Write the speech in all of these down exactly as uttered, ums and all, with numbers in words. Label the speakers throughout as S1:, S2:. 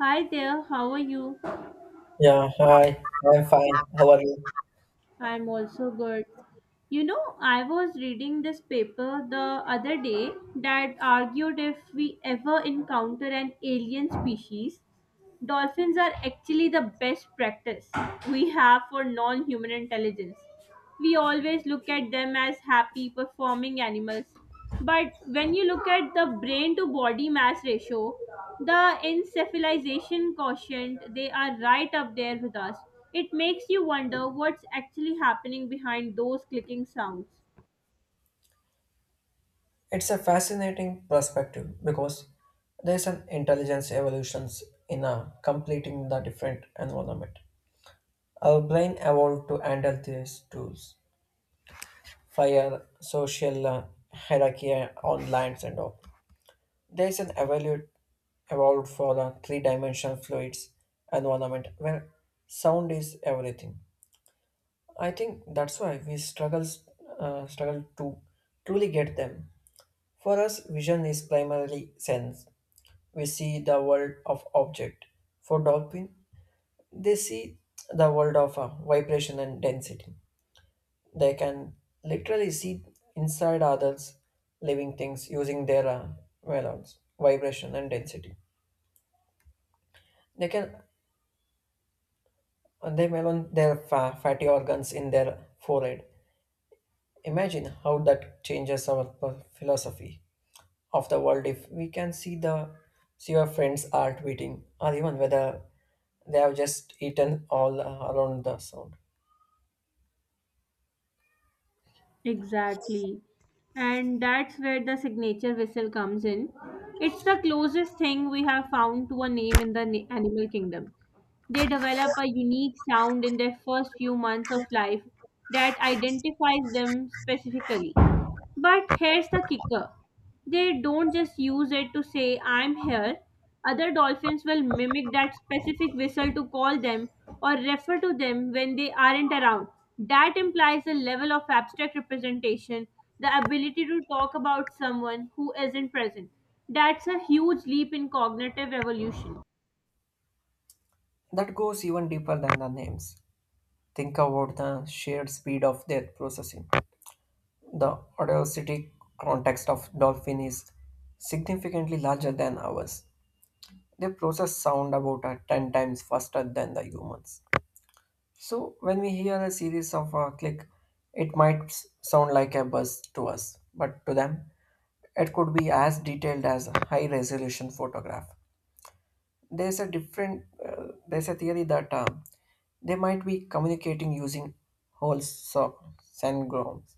S1: Hi there, how are you?
S2: Yeah, hi. I'm fine. How are you?
S1: I'm also good. You know, I was reading this paper the other day that argued if we ever encounter an alien species, dolphins are actually the best practice we have for non human intelligence. We always look at them as happy performing animals, but when you look at the brain to body mass ratio, the encephalization quotient, they are right up there with us. It makes you wonder what's actually happening behind those clicking sounds.
S2: It's a fascinating perspective because there's an intelligence evolutions in a completing the different environment. Our brain evolved to handle these tools, fire, social uh, hierarchy, online, and all. There's an evolute evolved for the three-dimensional fluids environment where sound is everything. I think that's why we struggles uh, struggle to truly get them. For us, vision is primarily sense. We see the world of object. For dolphin, they see the world of uh, vibration and density. They can literally see inside others living things using their uh, melons, vibration and density. They can they melon their fa- fatty organs in their forehead. Imagine how that changes our p- philosophy of the world if we can see the see your friends are tweeting or even whether they have just eaten all uh, around the sound
S1: Exactly. And that's where the signature whistle comes in. It's the closest thing we have found to a name in the na- animal kingdom. They develop a unique sound in their first few months of life that identifies them specifically. But here's the kicker, they don't just use it to say, I'm here. Other dolphins will mimic that specific whistle to call them or refer to them when they aren't around. That implies a level of abstract representation, the ability to talk about someone who isn't present. That's a huge leap in cognitive evolution.
S2: that goes even deeper than the names. Think about the shared speed of their processing, the audacity context of dolphin is significantly larger than ours. They process sound about uh, ten times faster than the humans. So when we hear a series of uh, click, it might s- sound like a buzz to us, but to them it could be as detailed as a high-resolution photograph. There's a different, uh, there's a theory that uh, they might be communicating using whole so- syngrams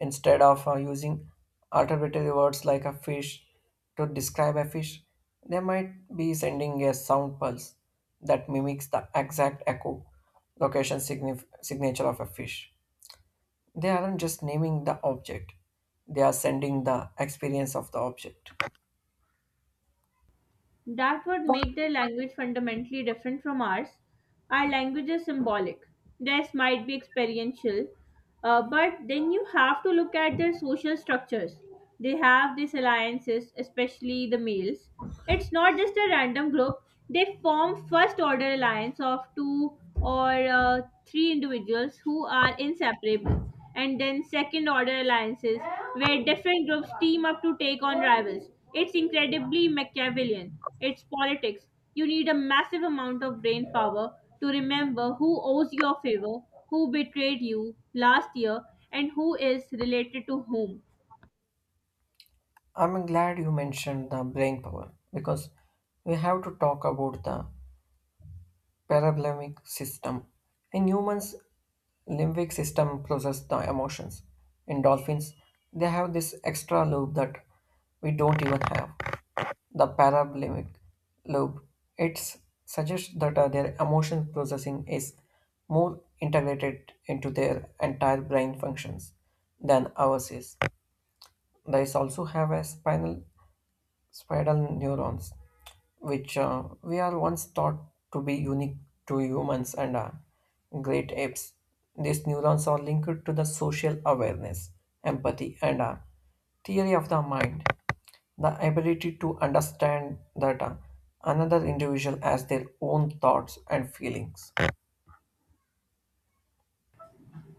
S2: instead of uh, using arbitrary words like a fish to describe a fish. They might be sending a sound pulse that mimics the exact echo location signif- signature of a fish. They aren't just naming the object; they are sending the experience of the object.
S1: That would make their language fundamentally different from ours. Our language is symbolic. Theirs might be experiential, uh, but then you have to look at their social structures. They have these alliances, especially the males. It's not just a random group. They form first order alliance of two or uh, three individuals who are inseparable, and then second order alliances where different groups team up to take on rivals. It's incredibly Machiavellian. It's politics. You need a massive amount of brain power to remember who owes you a favor, who betrayed you last year, and who is related to whom.
S2: I'm glad you mentioned the brain power because we have to talk about the paralimbic system. In humans, limbic system process the emotions. In dolphins, they have this extra lobe that we don't even have. The paralimbic lobe. It suggests that uh, their emotion processing is more integrated into their entire brain functions than ours is. They also have a spinal spiral neurons, which uh, we are once thought to be unique to humans and uh, great apes. These neurons are linked to the social awareness, empathy, and uh, theory of the mind, the ability to understand that uh, another individual has their own thoughts and feelings.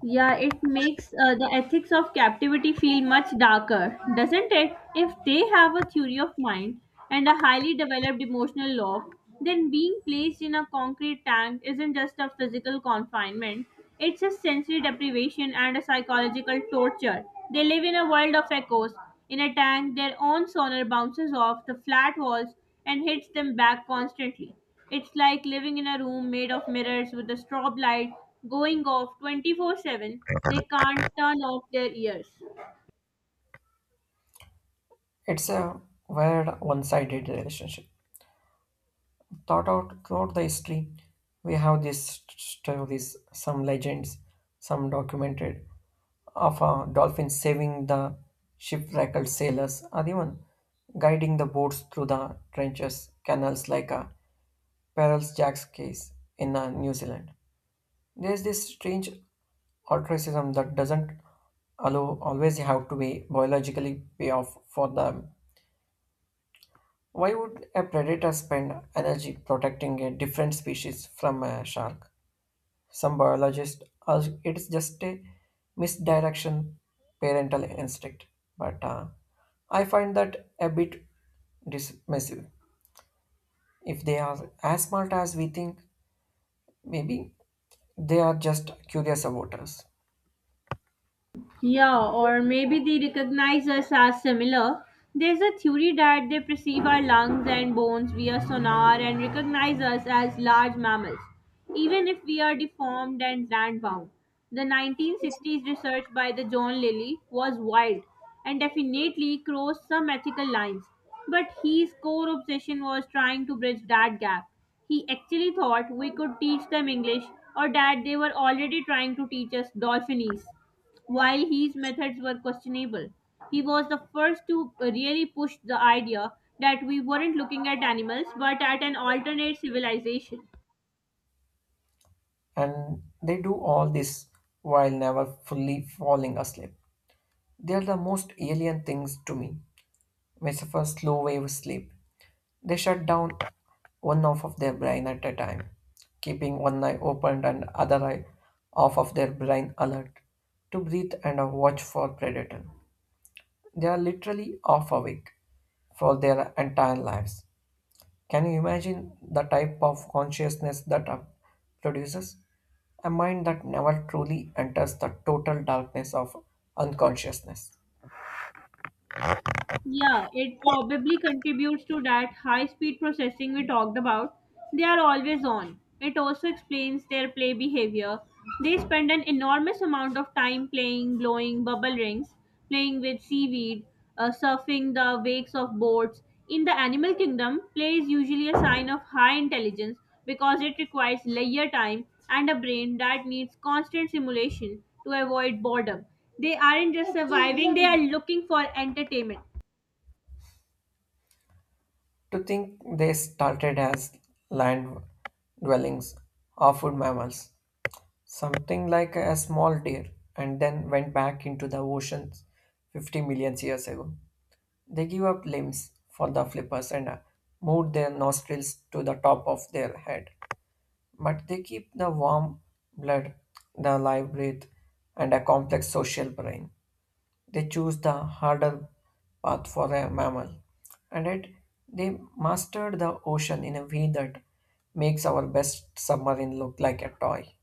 S1: Yeah, it makes uh, the ethics of captivity feel much darker, doesn't it? If they have a theory of mind and a highly developed emotional law, then being placed in a concrete tank isn't just a physical confinement, it's a sensory deprivation and a psychological torture. They live in a world of echoes. In a tank, their own sonar bounces off the flat walls and hits them back constantly. It's like living in a room made of mirrors with a strobe light going off twenty-four seven. They can't turn off their ears.
S2: It's a weird one sided relationship. Thought out Throughout the history we have these st- stories, some legends, some documented, of a dolphin saving the shipwrecked sailors or even guiding the boats through the trenches, canals, like a Perils Jack's case in uh, New Zealand. There's this strange altruism that doesn't allow always have to be biologically pay off for the why would a predator spend energy protecting a different species from a shark? Some biologists argue it's just a misdirection parental instinct, but uh, I find that a bit dismissive. If they are as smart as we think, maybe they are just curious about us.
S1: Yeah, or maybe they recognize us as similar. There's a theory that they perceive our lungs and bones via sonar and recognize us as large mammals, even if we are deformed and land bound. The nineteen sixties research by the John Lilly was wild and definitely crossed some ethical lines. But his core obsession was trying to bridge that gap. He actually thought we could teach them English or that they were already trying to teach us Dolphinese. While his methods were questionable, he was the first to really push the idea that we weren't looking at animals but at an alternate civilization.
S2: And they do all this while never fully falling asleep. They are the most alien things to me. Metaphor slow wave sleep. They shut down one half of their brain at a time, keeping one eye open and other eye off of their brain alert to breathe and watch for predator. They are literally off awake for their entire lives. Can you imagine the type of consciousness that uh, produces? A mind that never truly enters the total darkness of unconsciousness.
S1: Yeah, it probably contributes to that high speed processing we talked about. They are always on. It also explains their play behavior. They spend an enormous amount of time playing, blowing bubble rings, playing with seaweed, uh, surfing the wakes of boats. In the animal kingdom, play is usually a sign of high intelligence because it requires leisure time and a brain that needs constant stimulation to avoid boredom. They aren't just surviving, they are looking for entertainment.
S2: To think they started as land dwellings or food mammals, something like a small deer, and then went back into the ocean fifty million years ago. They give up limbs for the flippers and uh, moved their nostrils to the top of their head. But they keep the warm blood, the live breath, and a complex social brain. They choose the harder path for a mammal, and it, they mastered the ocean in a way that makes our best submarine look like a toy.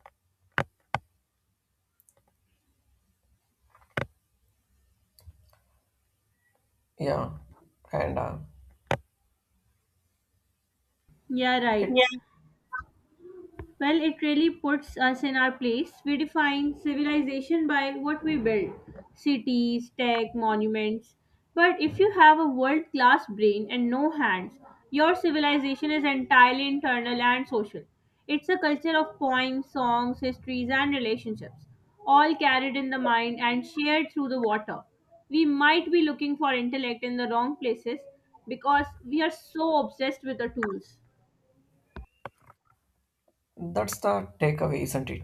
S2: Yeah, and uh,
S1: Yeah,
S2: It,
S1: right.
S2: Yeah.
S1: Well, it really puts us in our place. We define civilization by what we build, cities, tech, monuments. But if you have a world class brain and no hands, your civilization is entirely internal and social. It's a culture of poems, songs, histories, and relationships, all carried in the mind and shared through the water. We might be looking for intellect in the wrong places because we are so obsessed with the tools.
S2: That's the takeaway, isn't it?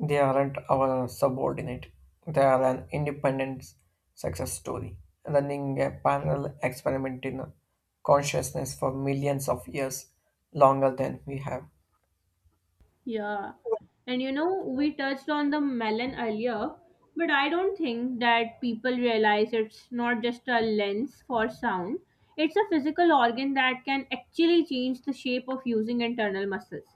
S2: They aren't our subordinate. They are an independent success story, running a parallel experiment in consciousness for millions of years longer than we have,
S1: Yeah. And you know, we touched on the melon earlier, but I don't think that people realize it's not just a lens for sound. It's a physical organ that can actually change the shape of using internal muscles.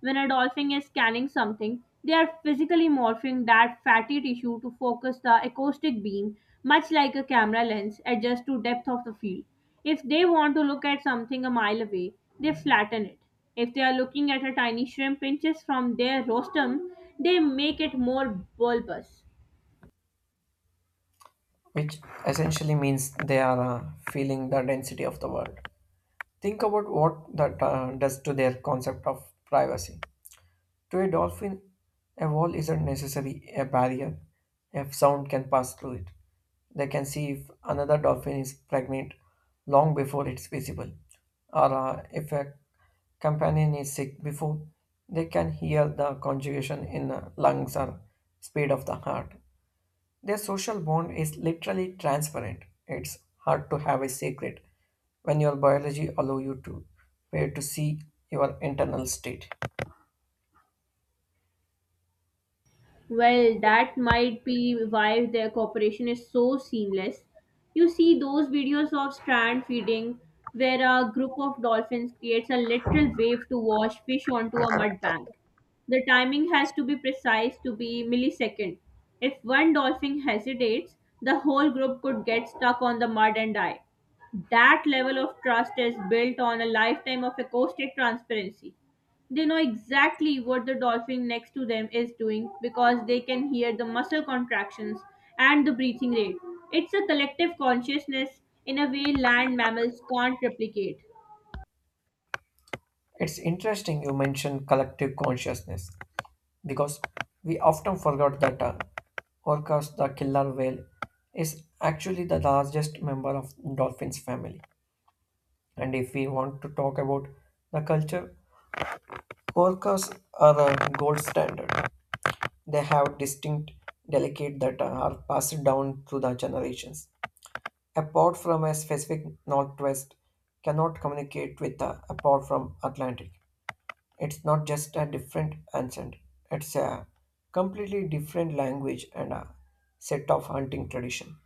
S1: When a dolphin is scanning something, they are physically morphing that fatty tissue to focus the acoustic beam, much like a camera lens adjusts to depth of the field. If they want to look at something a mile away, they flatten it; if they are looking at a tiny shrimp pinches from their rostrum, they make it more bulbous.
S2: which essentially means they are uh, feeling the density of the world. Think about what that uh, does to their concept of privacy. To a dolphin, a wall isn't necessarily a barrier if sound can pass through it. They can see if another dolphin is pregnant long before it's visible, or uh, if a companion is sick before they can hear the conjugation in the lungs or speed of the heart. Their social bond is literally transparent. It's hard to have a secret when your biology allow you to where to see your internal state.
S1: Well, that might be why their cooperation is so seamless. You see those videos of strand feeding where a group of dolphins creates a literal wave to wash fish onto a mud bank. The timing has to be precise to be millisecond. If one dolphin hesitates, the whole group could get stuck on the mud and die. That level of trust is built on a lifetime of acoustic transparency. They know exactly what the dolphin next to them is doing because they can hear the muscle contractions and the breathing rate. It's a collective consciousness in a way land mammals can't replicate.
S2: It's interesting you mentioned collective consciousness because we often forget that uh, Orcas the killer whale is actually the largest member of dolphins family. And if we want to talk about the culture, orcas are a gold standard. They have distinct delicate that are passed down through the generations. Apart from a specific northwest, cannot communicate with uh, apart from Atlantic. It's not just a different accent, it's a completely different language and a set of hunting tradition.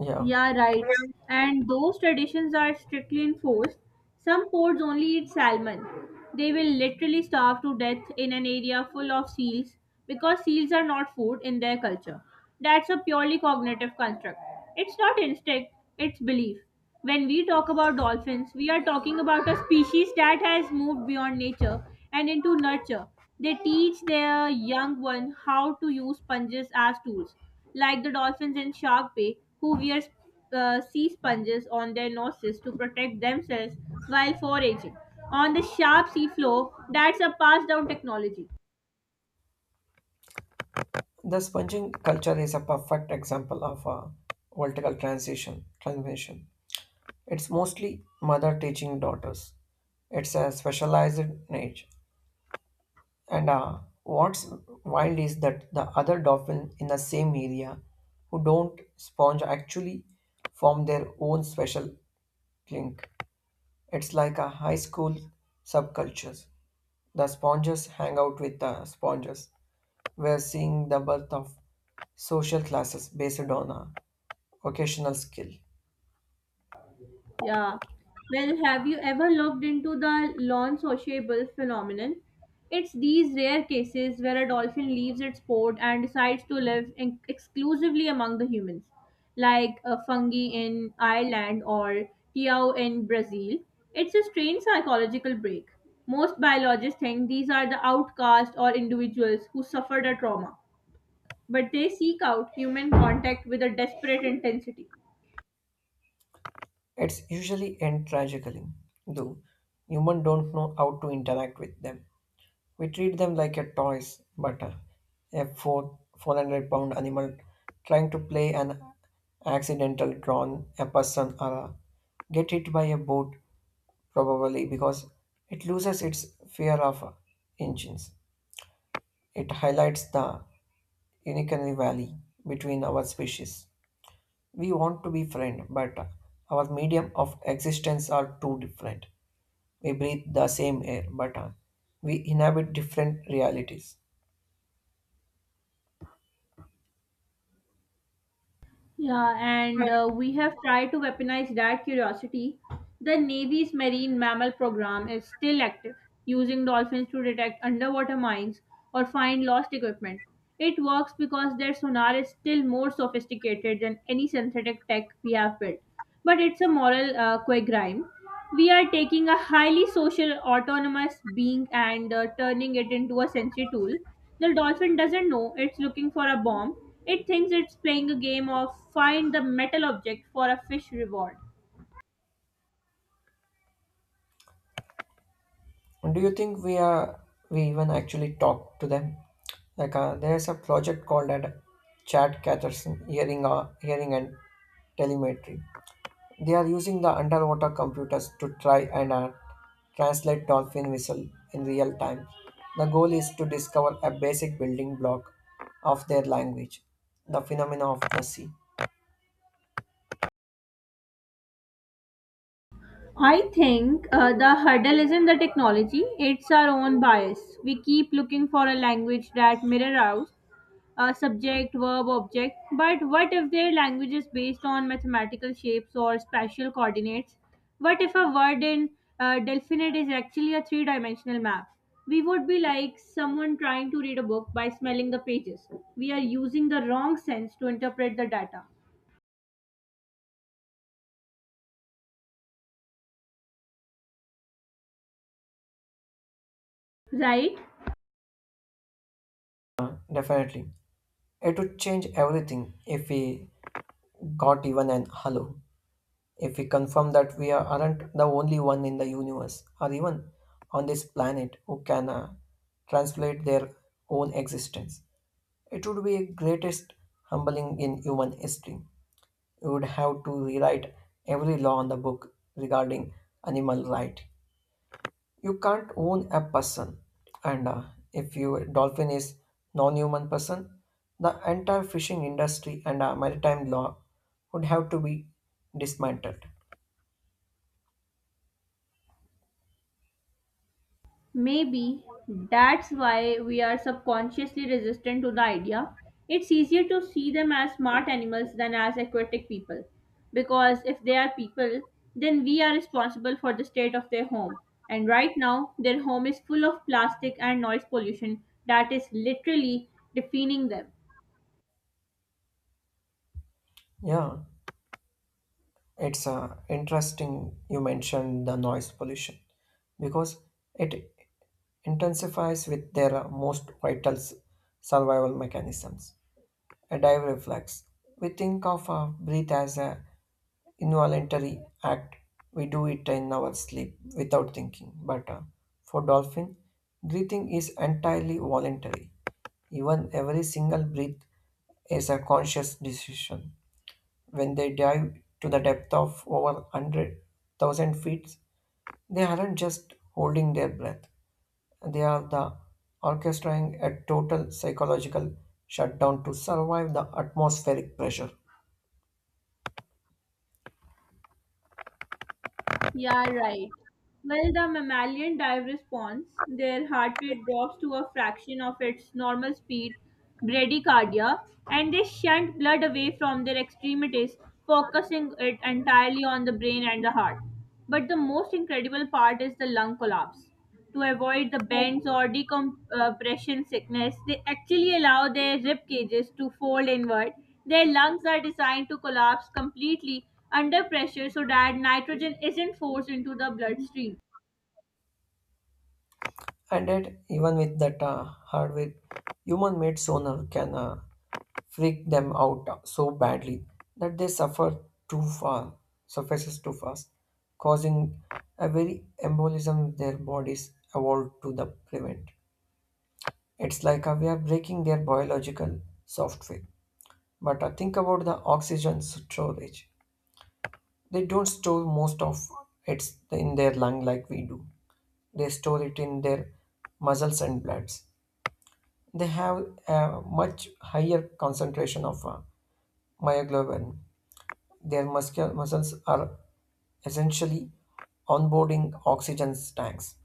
S2: Yeah,
S1: Yeah, right. And those traditions are strictly enforced. Some ports only eat salmon. They will literally starve to death in an area full of seals because seals are not food in their culture. That's a purely cognitive construct. It's not instinct, it's belief. When we talk about dolphins, we are talking about a species that has moved beyond nature and into nurture. They teach their young ones how to use sponges as tools, like the dolphins in Shark Bay, who wear uh, sea sponges on their noses to protect themselves while foraging on the sharp sea floor. That's a passed down technology.
S2: the sponging culture is a perfect example of a vertical transition transmission. It's mostly mother teaching daughters. It's a specialized niche. And uh, what's wild is that the other dolphins in the same area who don't sponge actually form their own special link. It's like a high school subcultures. The sponges hang out with the sponges. We're seeing the birth of social classes based on a occasional skill.
S1: Yeah. Well, have you ever looked into the non-sociable phenomenon? It's these rare cases where a dolphin leaves its port and decides to live in- exclusively among the humans, like a fungi in Ireland or Tiao in Brazil. It's a strange psychological break. Most biologists think these are the outcast or individuals who suffered a trauma, but they seek out human contact with a desperate intensity.
S2: It's usually end tragically, though humans don't know how to interact with them. We treat them like a toys, but a, a four, 400 pound animal trying to play an accidental drawn a person or a, get hit by a boat probably because it loses its fear of engines. It highlights the uncanny valley between our species. We want to be friends, but our medium of existence are too different. We breathe the same air, but uh, we inhabit different realities.
S1: Yeah, and uh, we have tried to weaponize that curiosity. The Navy's Marine Mammal Program is still active, using dolphins to detect underwater mines or find lost equipment. It works because their sonar is still more sophisticated than any synthetic tech we have built, but it's a moral uh, quagmire. We are taking a highly social, autonomous being and uh, turning it into a sensory tool. The dolphin doesn't know it's looking for a bomb. It thinks it's playing a game of find the metal object for a fish reward.
S2: And do you think we are we even actually talk to them? Like uh, there's a project called at Chad Catherson Hearing, uh, Hearing and Telemetry. They are using the underwater computers to try and uh, translate dolphin whistle in real time. The goal is to discover a basic building block of their language, the phenomena of the sea.
S1: I think uh, the hurdle isn't the technology, it's our own bias. We keep looking for a language that mirrors uh, subject, verb, object. But what if their language is based on mathematical shapes or spatial coordinates? What if a word in uh, Delphinite is actually a three dimensional map? We would be like someone trying to read a book by smelling the pages. We are using the wrong sense to interpret the data, right?
S2: Uh, Definitely. It would change everything if we got even an hello. If we confirm that we are- aren't the only one in the universe or even on this planet who can uh, translate their own existence. It would be greatest humbling in human history. You would have to rewrite every law in the book regarding animal right. You can't own a person, and uh, if you dolphin is non-human person, the entire fishing industry and uh, maritime law would have to be dismantled.
S1: Maybe that's why we are subconsciously resistant to the idea. It's easier to see them as smart animals than as aquatic people. Because if they are people, then we are responsible for the state of their home. And right now, their home is full of plastic and noise pollution that is literally defining them.
S2: Yeah, it's uh, interesting you mentioned the noise pollution because it intensifies with their uh, most vital s- survival mechanisms. A dive reflex. We think of a breath as a involuntary act. We do it in our sleep without thinking. But uh, for dolphin, breathing is entirely voluntary. Even every single breath is a conscious decision. When they dive to the depth of over one hundred thousand feet, they aren't just holding their breath. They are the orchestrating a total psychological shutdown to survive the atmospheric pressure.
S1: Yeah, right. Well, the mammalian dive response, their heart rate drops to a fraction of its normal speed, bradycardia, and they shunt blood away from their extremities, focusing it entirely on the brain and the heart. But the most incredible part is the lung collapse to avoid the bends or decompression sickness. They actually allow their rib cages to fold inward. Their lungs are designed to collapse completely under pressure so that nitrogen isn't forced into the bloodstream.
S2: And yet, even with that uh, hardware, human-made sonar can uh, freak them out so badly that they suffer too far, suffices too fast, causing a very embolism their bodies evolved to the prevent. It's like uh, we are breaking their biological software. But uh, think about the oxygen storage. They don't store most of it in their lung like we do. They store it in their muscles and bloods. They have a much higher concentration of uh, myoglobin. Their muscul- muscles are essentially onboarding oxygen tanks,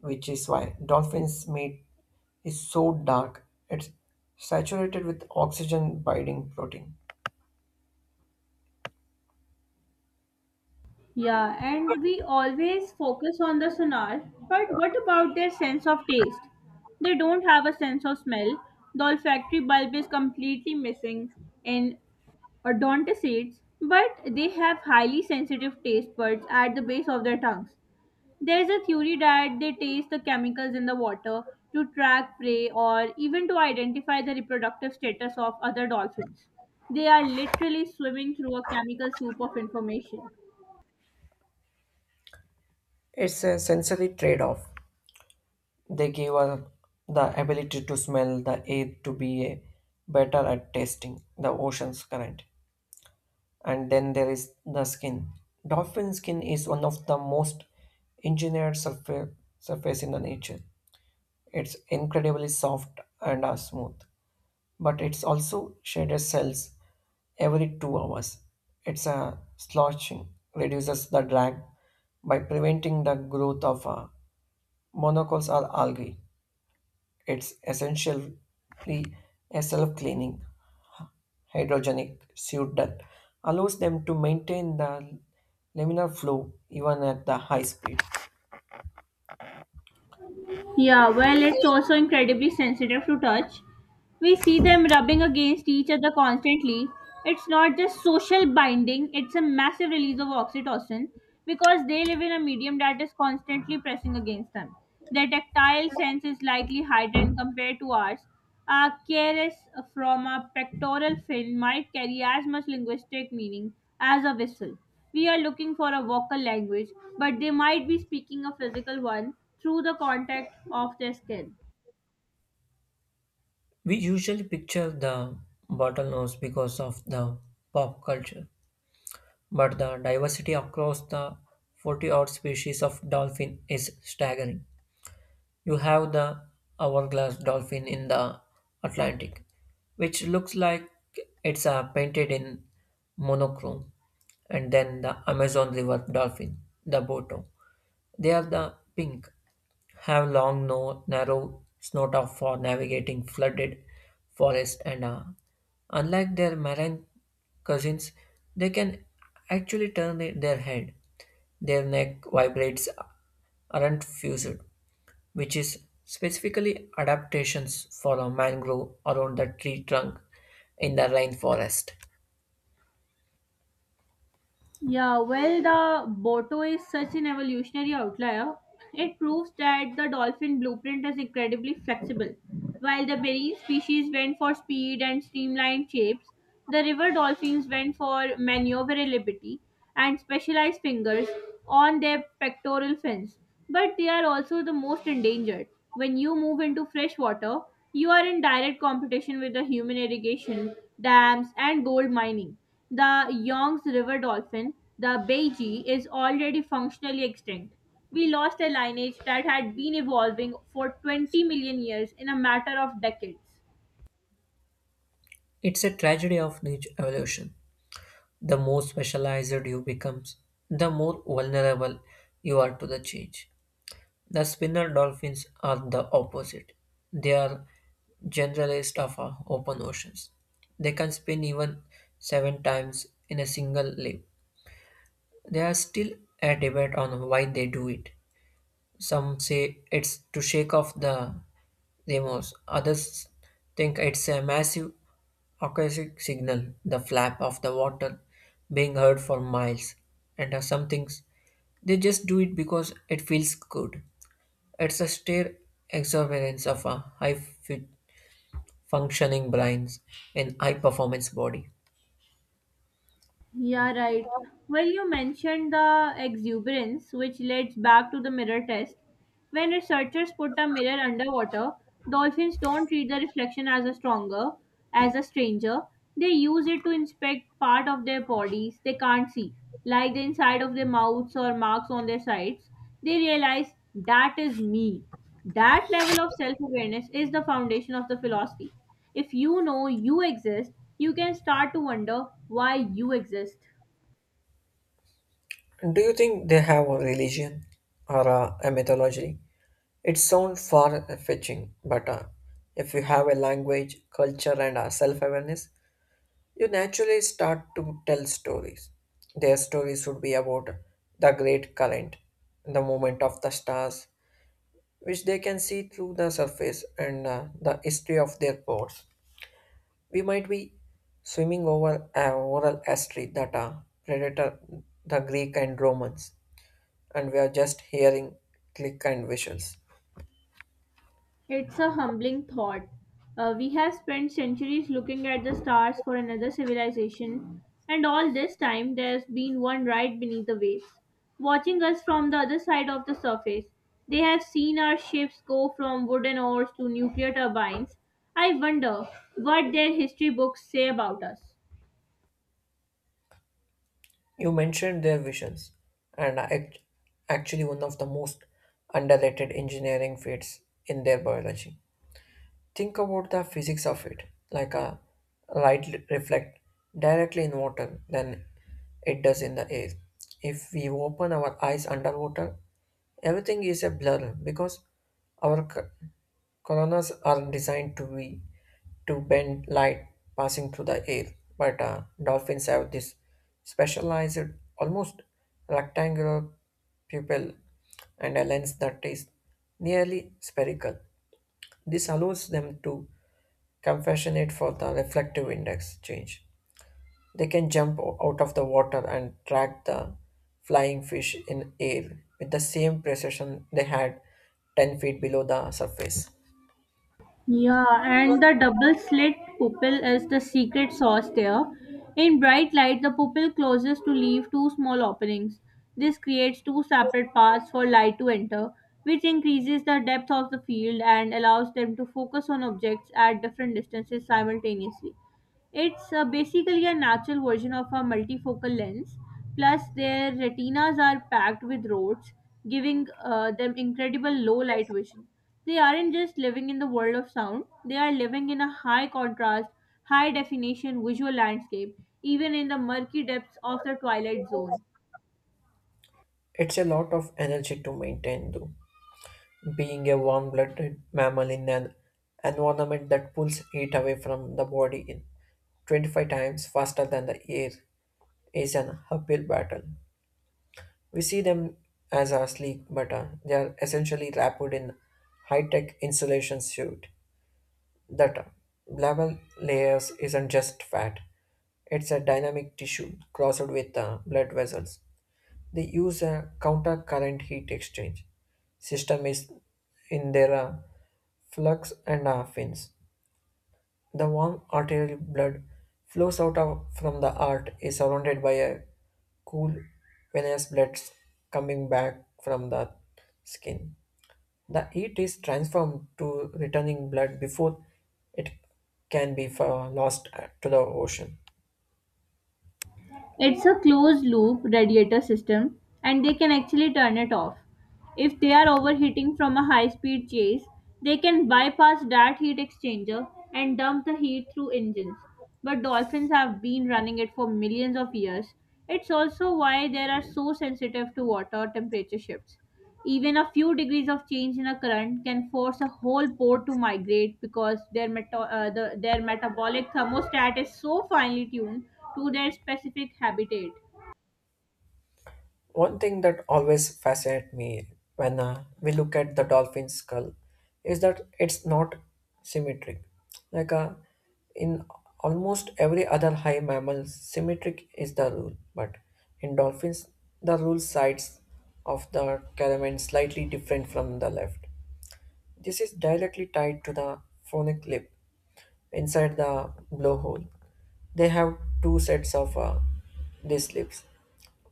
S2: which is why dolphins' meat is so dark. It's saturated with oxygen binding protein.
S1: Yeah, and we always focus on the sonar, but what about their sense of taste? They don't have a sense of smell. The olfactory bulb is completely missing in odontocides, but they have highly sensitive taste buds at the base of their tongues. There is a theory that they taste the chemicals in the water to track prey or even to identify the reproductive status of other dolphins. They are literally swimming through a chemical soup of information.
S2: It's a sensory trade off. They give us the ability to smell the air, to be a better at tasting the ocean's current. And then there is the skin. Dolphin skin is one of the most engineered surface, surface in the nature. It's incredibly soft and uh, smooth, but it's also shaded cells every two hours. It's a sloshing, reduces the drag by preventing the growth of uh, monoculls or algae. It's essentially a self cleaning hydrogenic suit that allows them to maintain the laminar flow even at the high speed.
S1: Yeah, well, it's also incredibly sensitive to touch. We see them rubbing against each other constantly. It's not just social binding, it's a massive release of oxytocin because they live in a medium that is constantly pressing against them. Their tactile sense is likely heightened compared to ours. A caress from a pectoral fin might carry as much linguistic meaning as a whistle. We are looking for a vocal language, but they might be speaking a physical one through the contact of their skin.
S2: We usually picture the bottlenose because of the pop culture, but the diversity across the forty odd species of dolphin is staggering. You have the hourglass dolphin in the Atlantic, which looks like it's uh, painted in monochrome, and then the Amazon River dolphin, the boto. They are the pink, have long, no, narrow snout for navigating flooded forest, and uh, unlike their marine cousins, they can actually turn their head. Their neck vibrates aren't fused, which is specifically adaptations for a mangrove around the tree trunk in the rainforest.
S1: Yeah, well, the Boto is such an evolutionary outlier. It proves that the dolphin blueprint is incredibly flexible. While the marine species went for speed and streamlined shapes, the river dolphins went for maneuverability and specialized fingers on their pectoral fins. But they are also the most endangered. When you move into fresh water, you are in direct competition with the human irrigation, dams, and gold mining. The Yongs River dolphin, the Beiji, is already functionally extinct. We lost a lineage that had been evolving for twenty million years in a matter of decades.
S2: It's a tragedy of the evolution. The more specialized you become, the more vulnerable you are to the change. The spinner dolphins are the opposite. They are generalists of our open oceans. They can spin even seven times in a single leap. There is still a debate on why they do it. Some say it's to shake off the remorse, others think it's a massive acoustic signal, the flap of the water being heard for miles. And uh, some things they just do it because it feels good. It's a sheer exuberance of a high fu- functioning brains and high performance body.
S1: Yeah, right. Well, you mentioned the exuberance, which leads back to the mirror test. When researchers put a mirror underwater, dolphins don't treat the reflection as a stronger, as a stranger. They use it to inspect part of their bodies they can't see, like the inside of their mouths or marks on their sides. They realize that is me. That level of self awareness is the foundation of the philosophy. If you know you exist, you can start to wonder why you exist.
S2: Do you think they have a religion or a, a mythology? It sounds far-fetching, but uh, if you have a language, culture, and uh, self-awareness, you naturally start to tell stories. Their stories should be about the great current, the movement of the stars, which they can see through the surface, and uh, the history of their ports. We might be swimming over a oral history that uh, predator the Greek and Romans, and we are just hearing click and visuals.
S1: It's a humbling thought. Uh, we have spent centuries looking at the stars for another civilization, and all this time there's been one right beneath the waves, watching us from the other side of the surface. They have seen our ships go from wooden oars to nuclear turbines. I wonder what their history books say about us.
S2: You mentioned their visions, and are act- actually, one of the most underrated engineering fields in their biology. Think about the physics of it, like a light reflect directly in water than it does in the air. If we open our eyes underwater, everything is a blur because our c- Coronas are designed to be to bend light passing through the air, but uh, dolphins have this specialized, almost rectangular pupil and a lens that is nearly spherical. This allows them to compensate for the reflective index change. They can jump o- out of the water and track the flying fish in air with the same precision they had ten feet below the surface.
S1: Yeah, and the double slit pupil is the secret sauce there. In bright light, the pupil closes to leave two small openings. This creates two separate paths for light to enter, which increases the depth of the field and allows them to focus on objects at different distances simultaneously. It's uh, basically a natural version of a multifocal lens. Plus, their retinas are packed with rods, giving uh, them incredible low light vision. They aren't just living in the world of sound, they are living in a high contrast, high definition visual landscape, even in the murky depths of the twilight zone.
S2: It's a lot of energy to maintain, though, being a warm blooded mammal in an environment that pulls heat away from the body in twenty-five times faster than the air is an uphill battle. We see them as a sleek, but uh, they are essentially wrapped in high tech insulation suit. That uh, level layers isn't just fat, it's a dynamic tissue crossed with uh, blood vessels. They use a counter-current heat exchange system is in their uh, flux and uh, fins. The warm arterial blood flows out of, from the heart is surrounded by a cool venous blood coming back from the skin. The heat is transformed to returning blood before it can be uh, lost to the ocean.
S1: It's a closed loop radiator system and they can actually turn it off. If they are overheating from a high speed chase, they can bypass that heat exchanger and dump the heat through engines. But dolphins have been running it for millions of years. It's also why they are so sensitive to water temperature shifts. Even a few degrees of change in a current can force a whole pore to migrate because their, meto- uh, the, their metabolic thermostat is so finely tuned to their specific habitat.
S2: One thing that always fascinates me when uh, we look at the dolphin's skull is that it's not symmetric. Like uh, in almost every other high mammal, symmetric is the rule, but in dolphins, the rule sides of the caravan slightly different from the left. This is directly tied to the phonic lip inside the blowhole. They have two sets of uh, these lips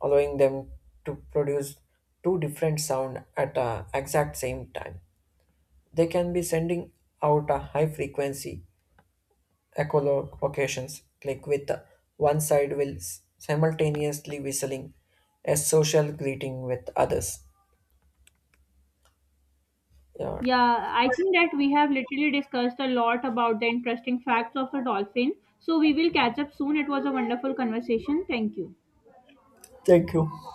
S2: allowing them to produce two different sound at the exact same time. They can be sending out a high frequency echolocations like with the one side will s- simultaneously whistling a social greeting with others. Yeah.
S1: Yeah, I think that we have literally discussed a lot about the interesting facts of a dolphin. So we will catch up soon. It was a wonderful conversation. Thank you.
S2: Thank you.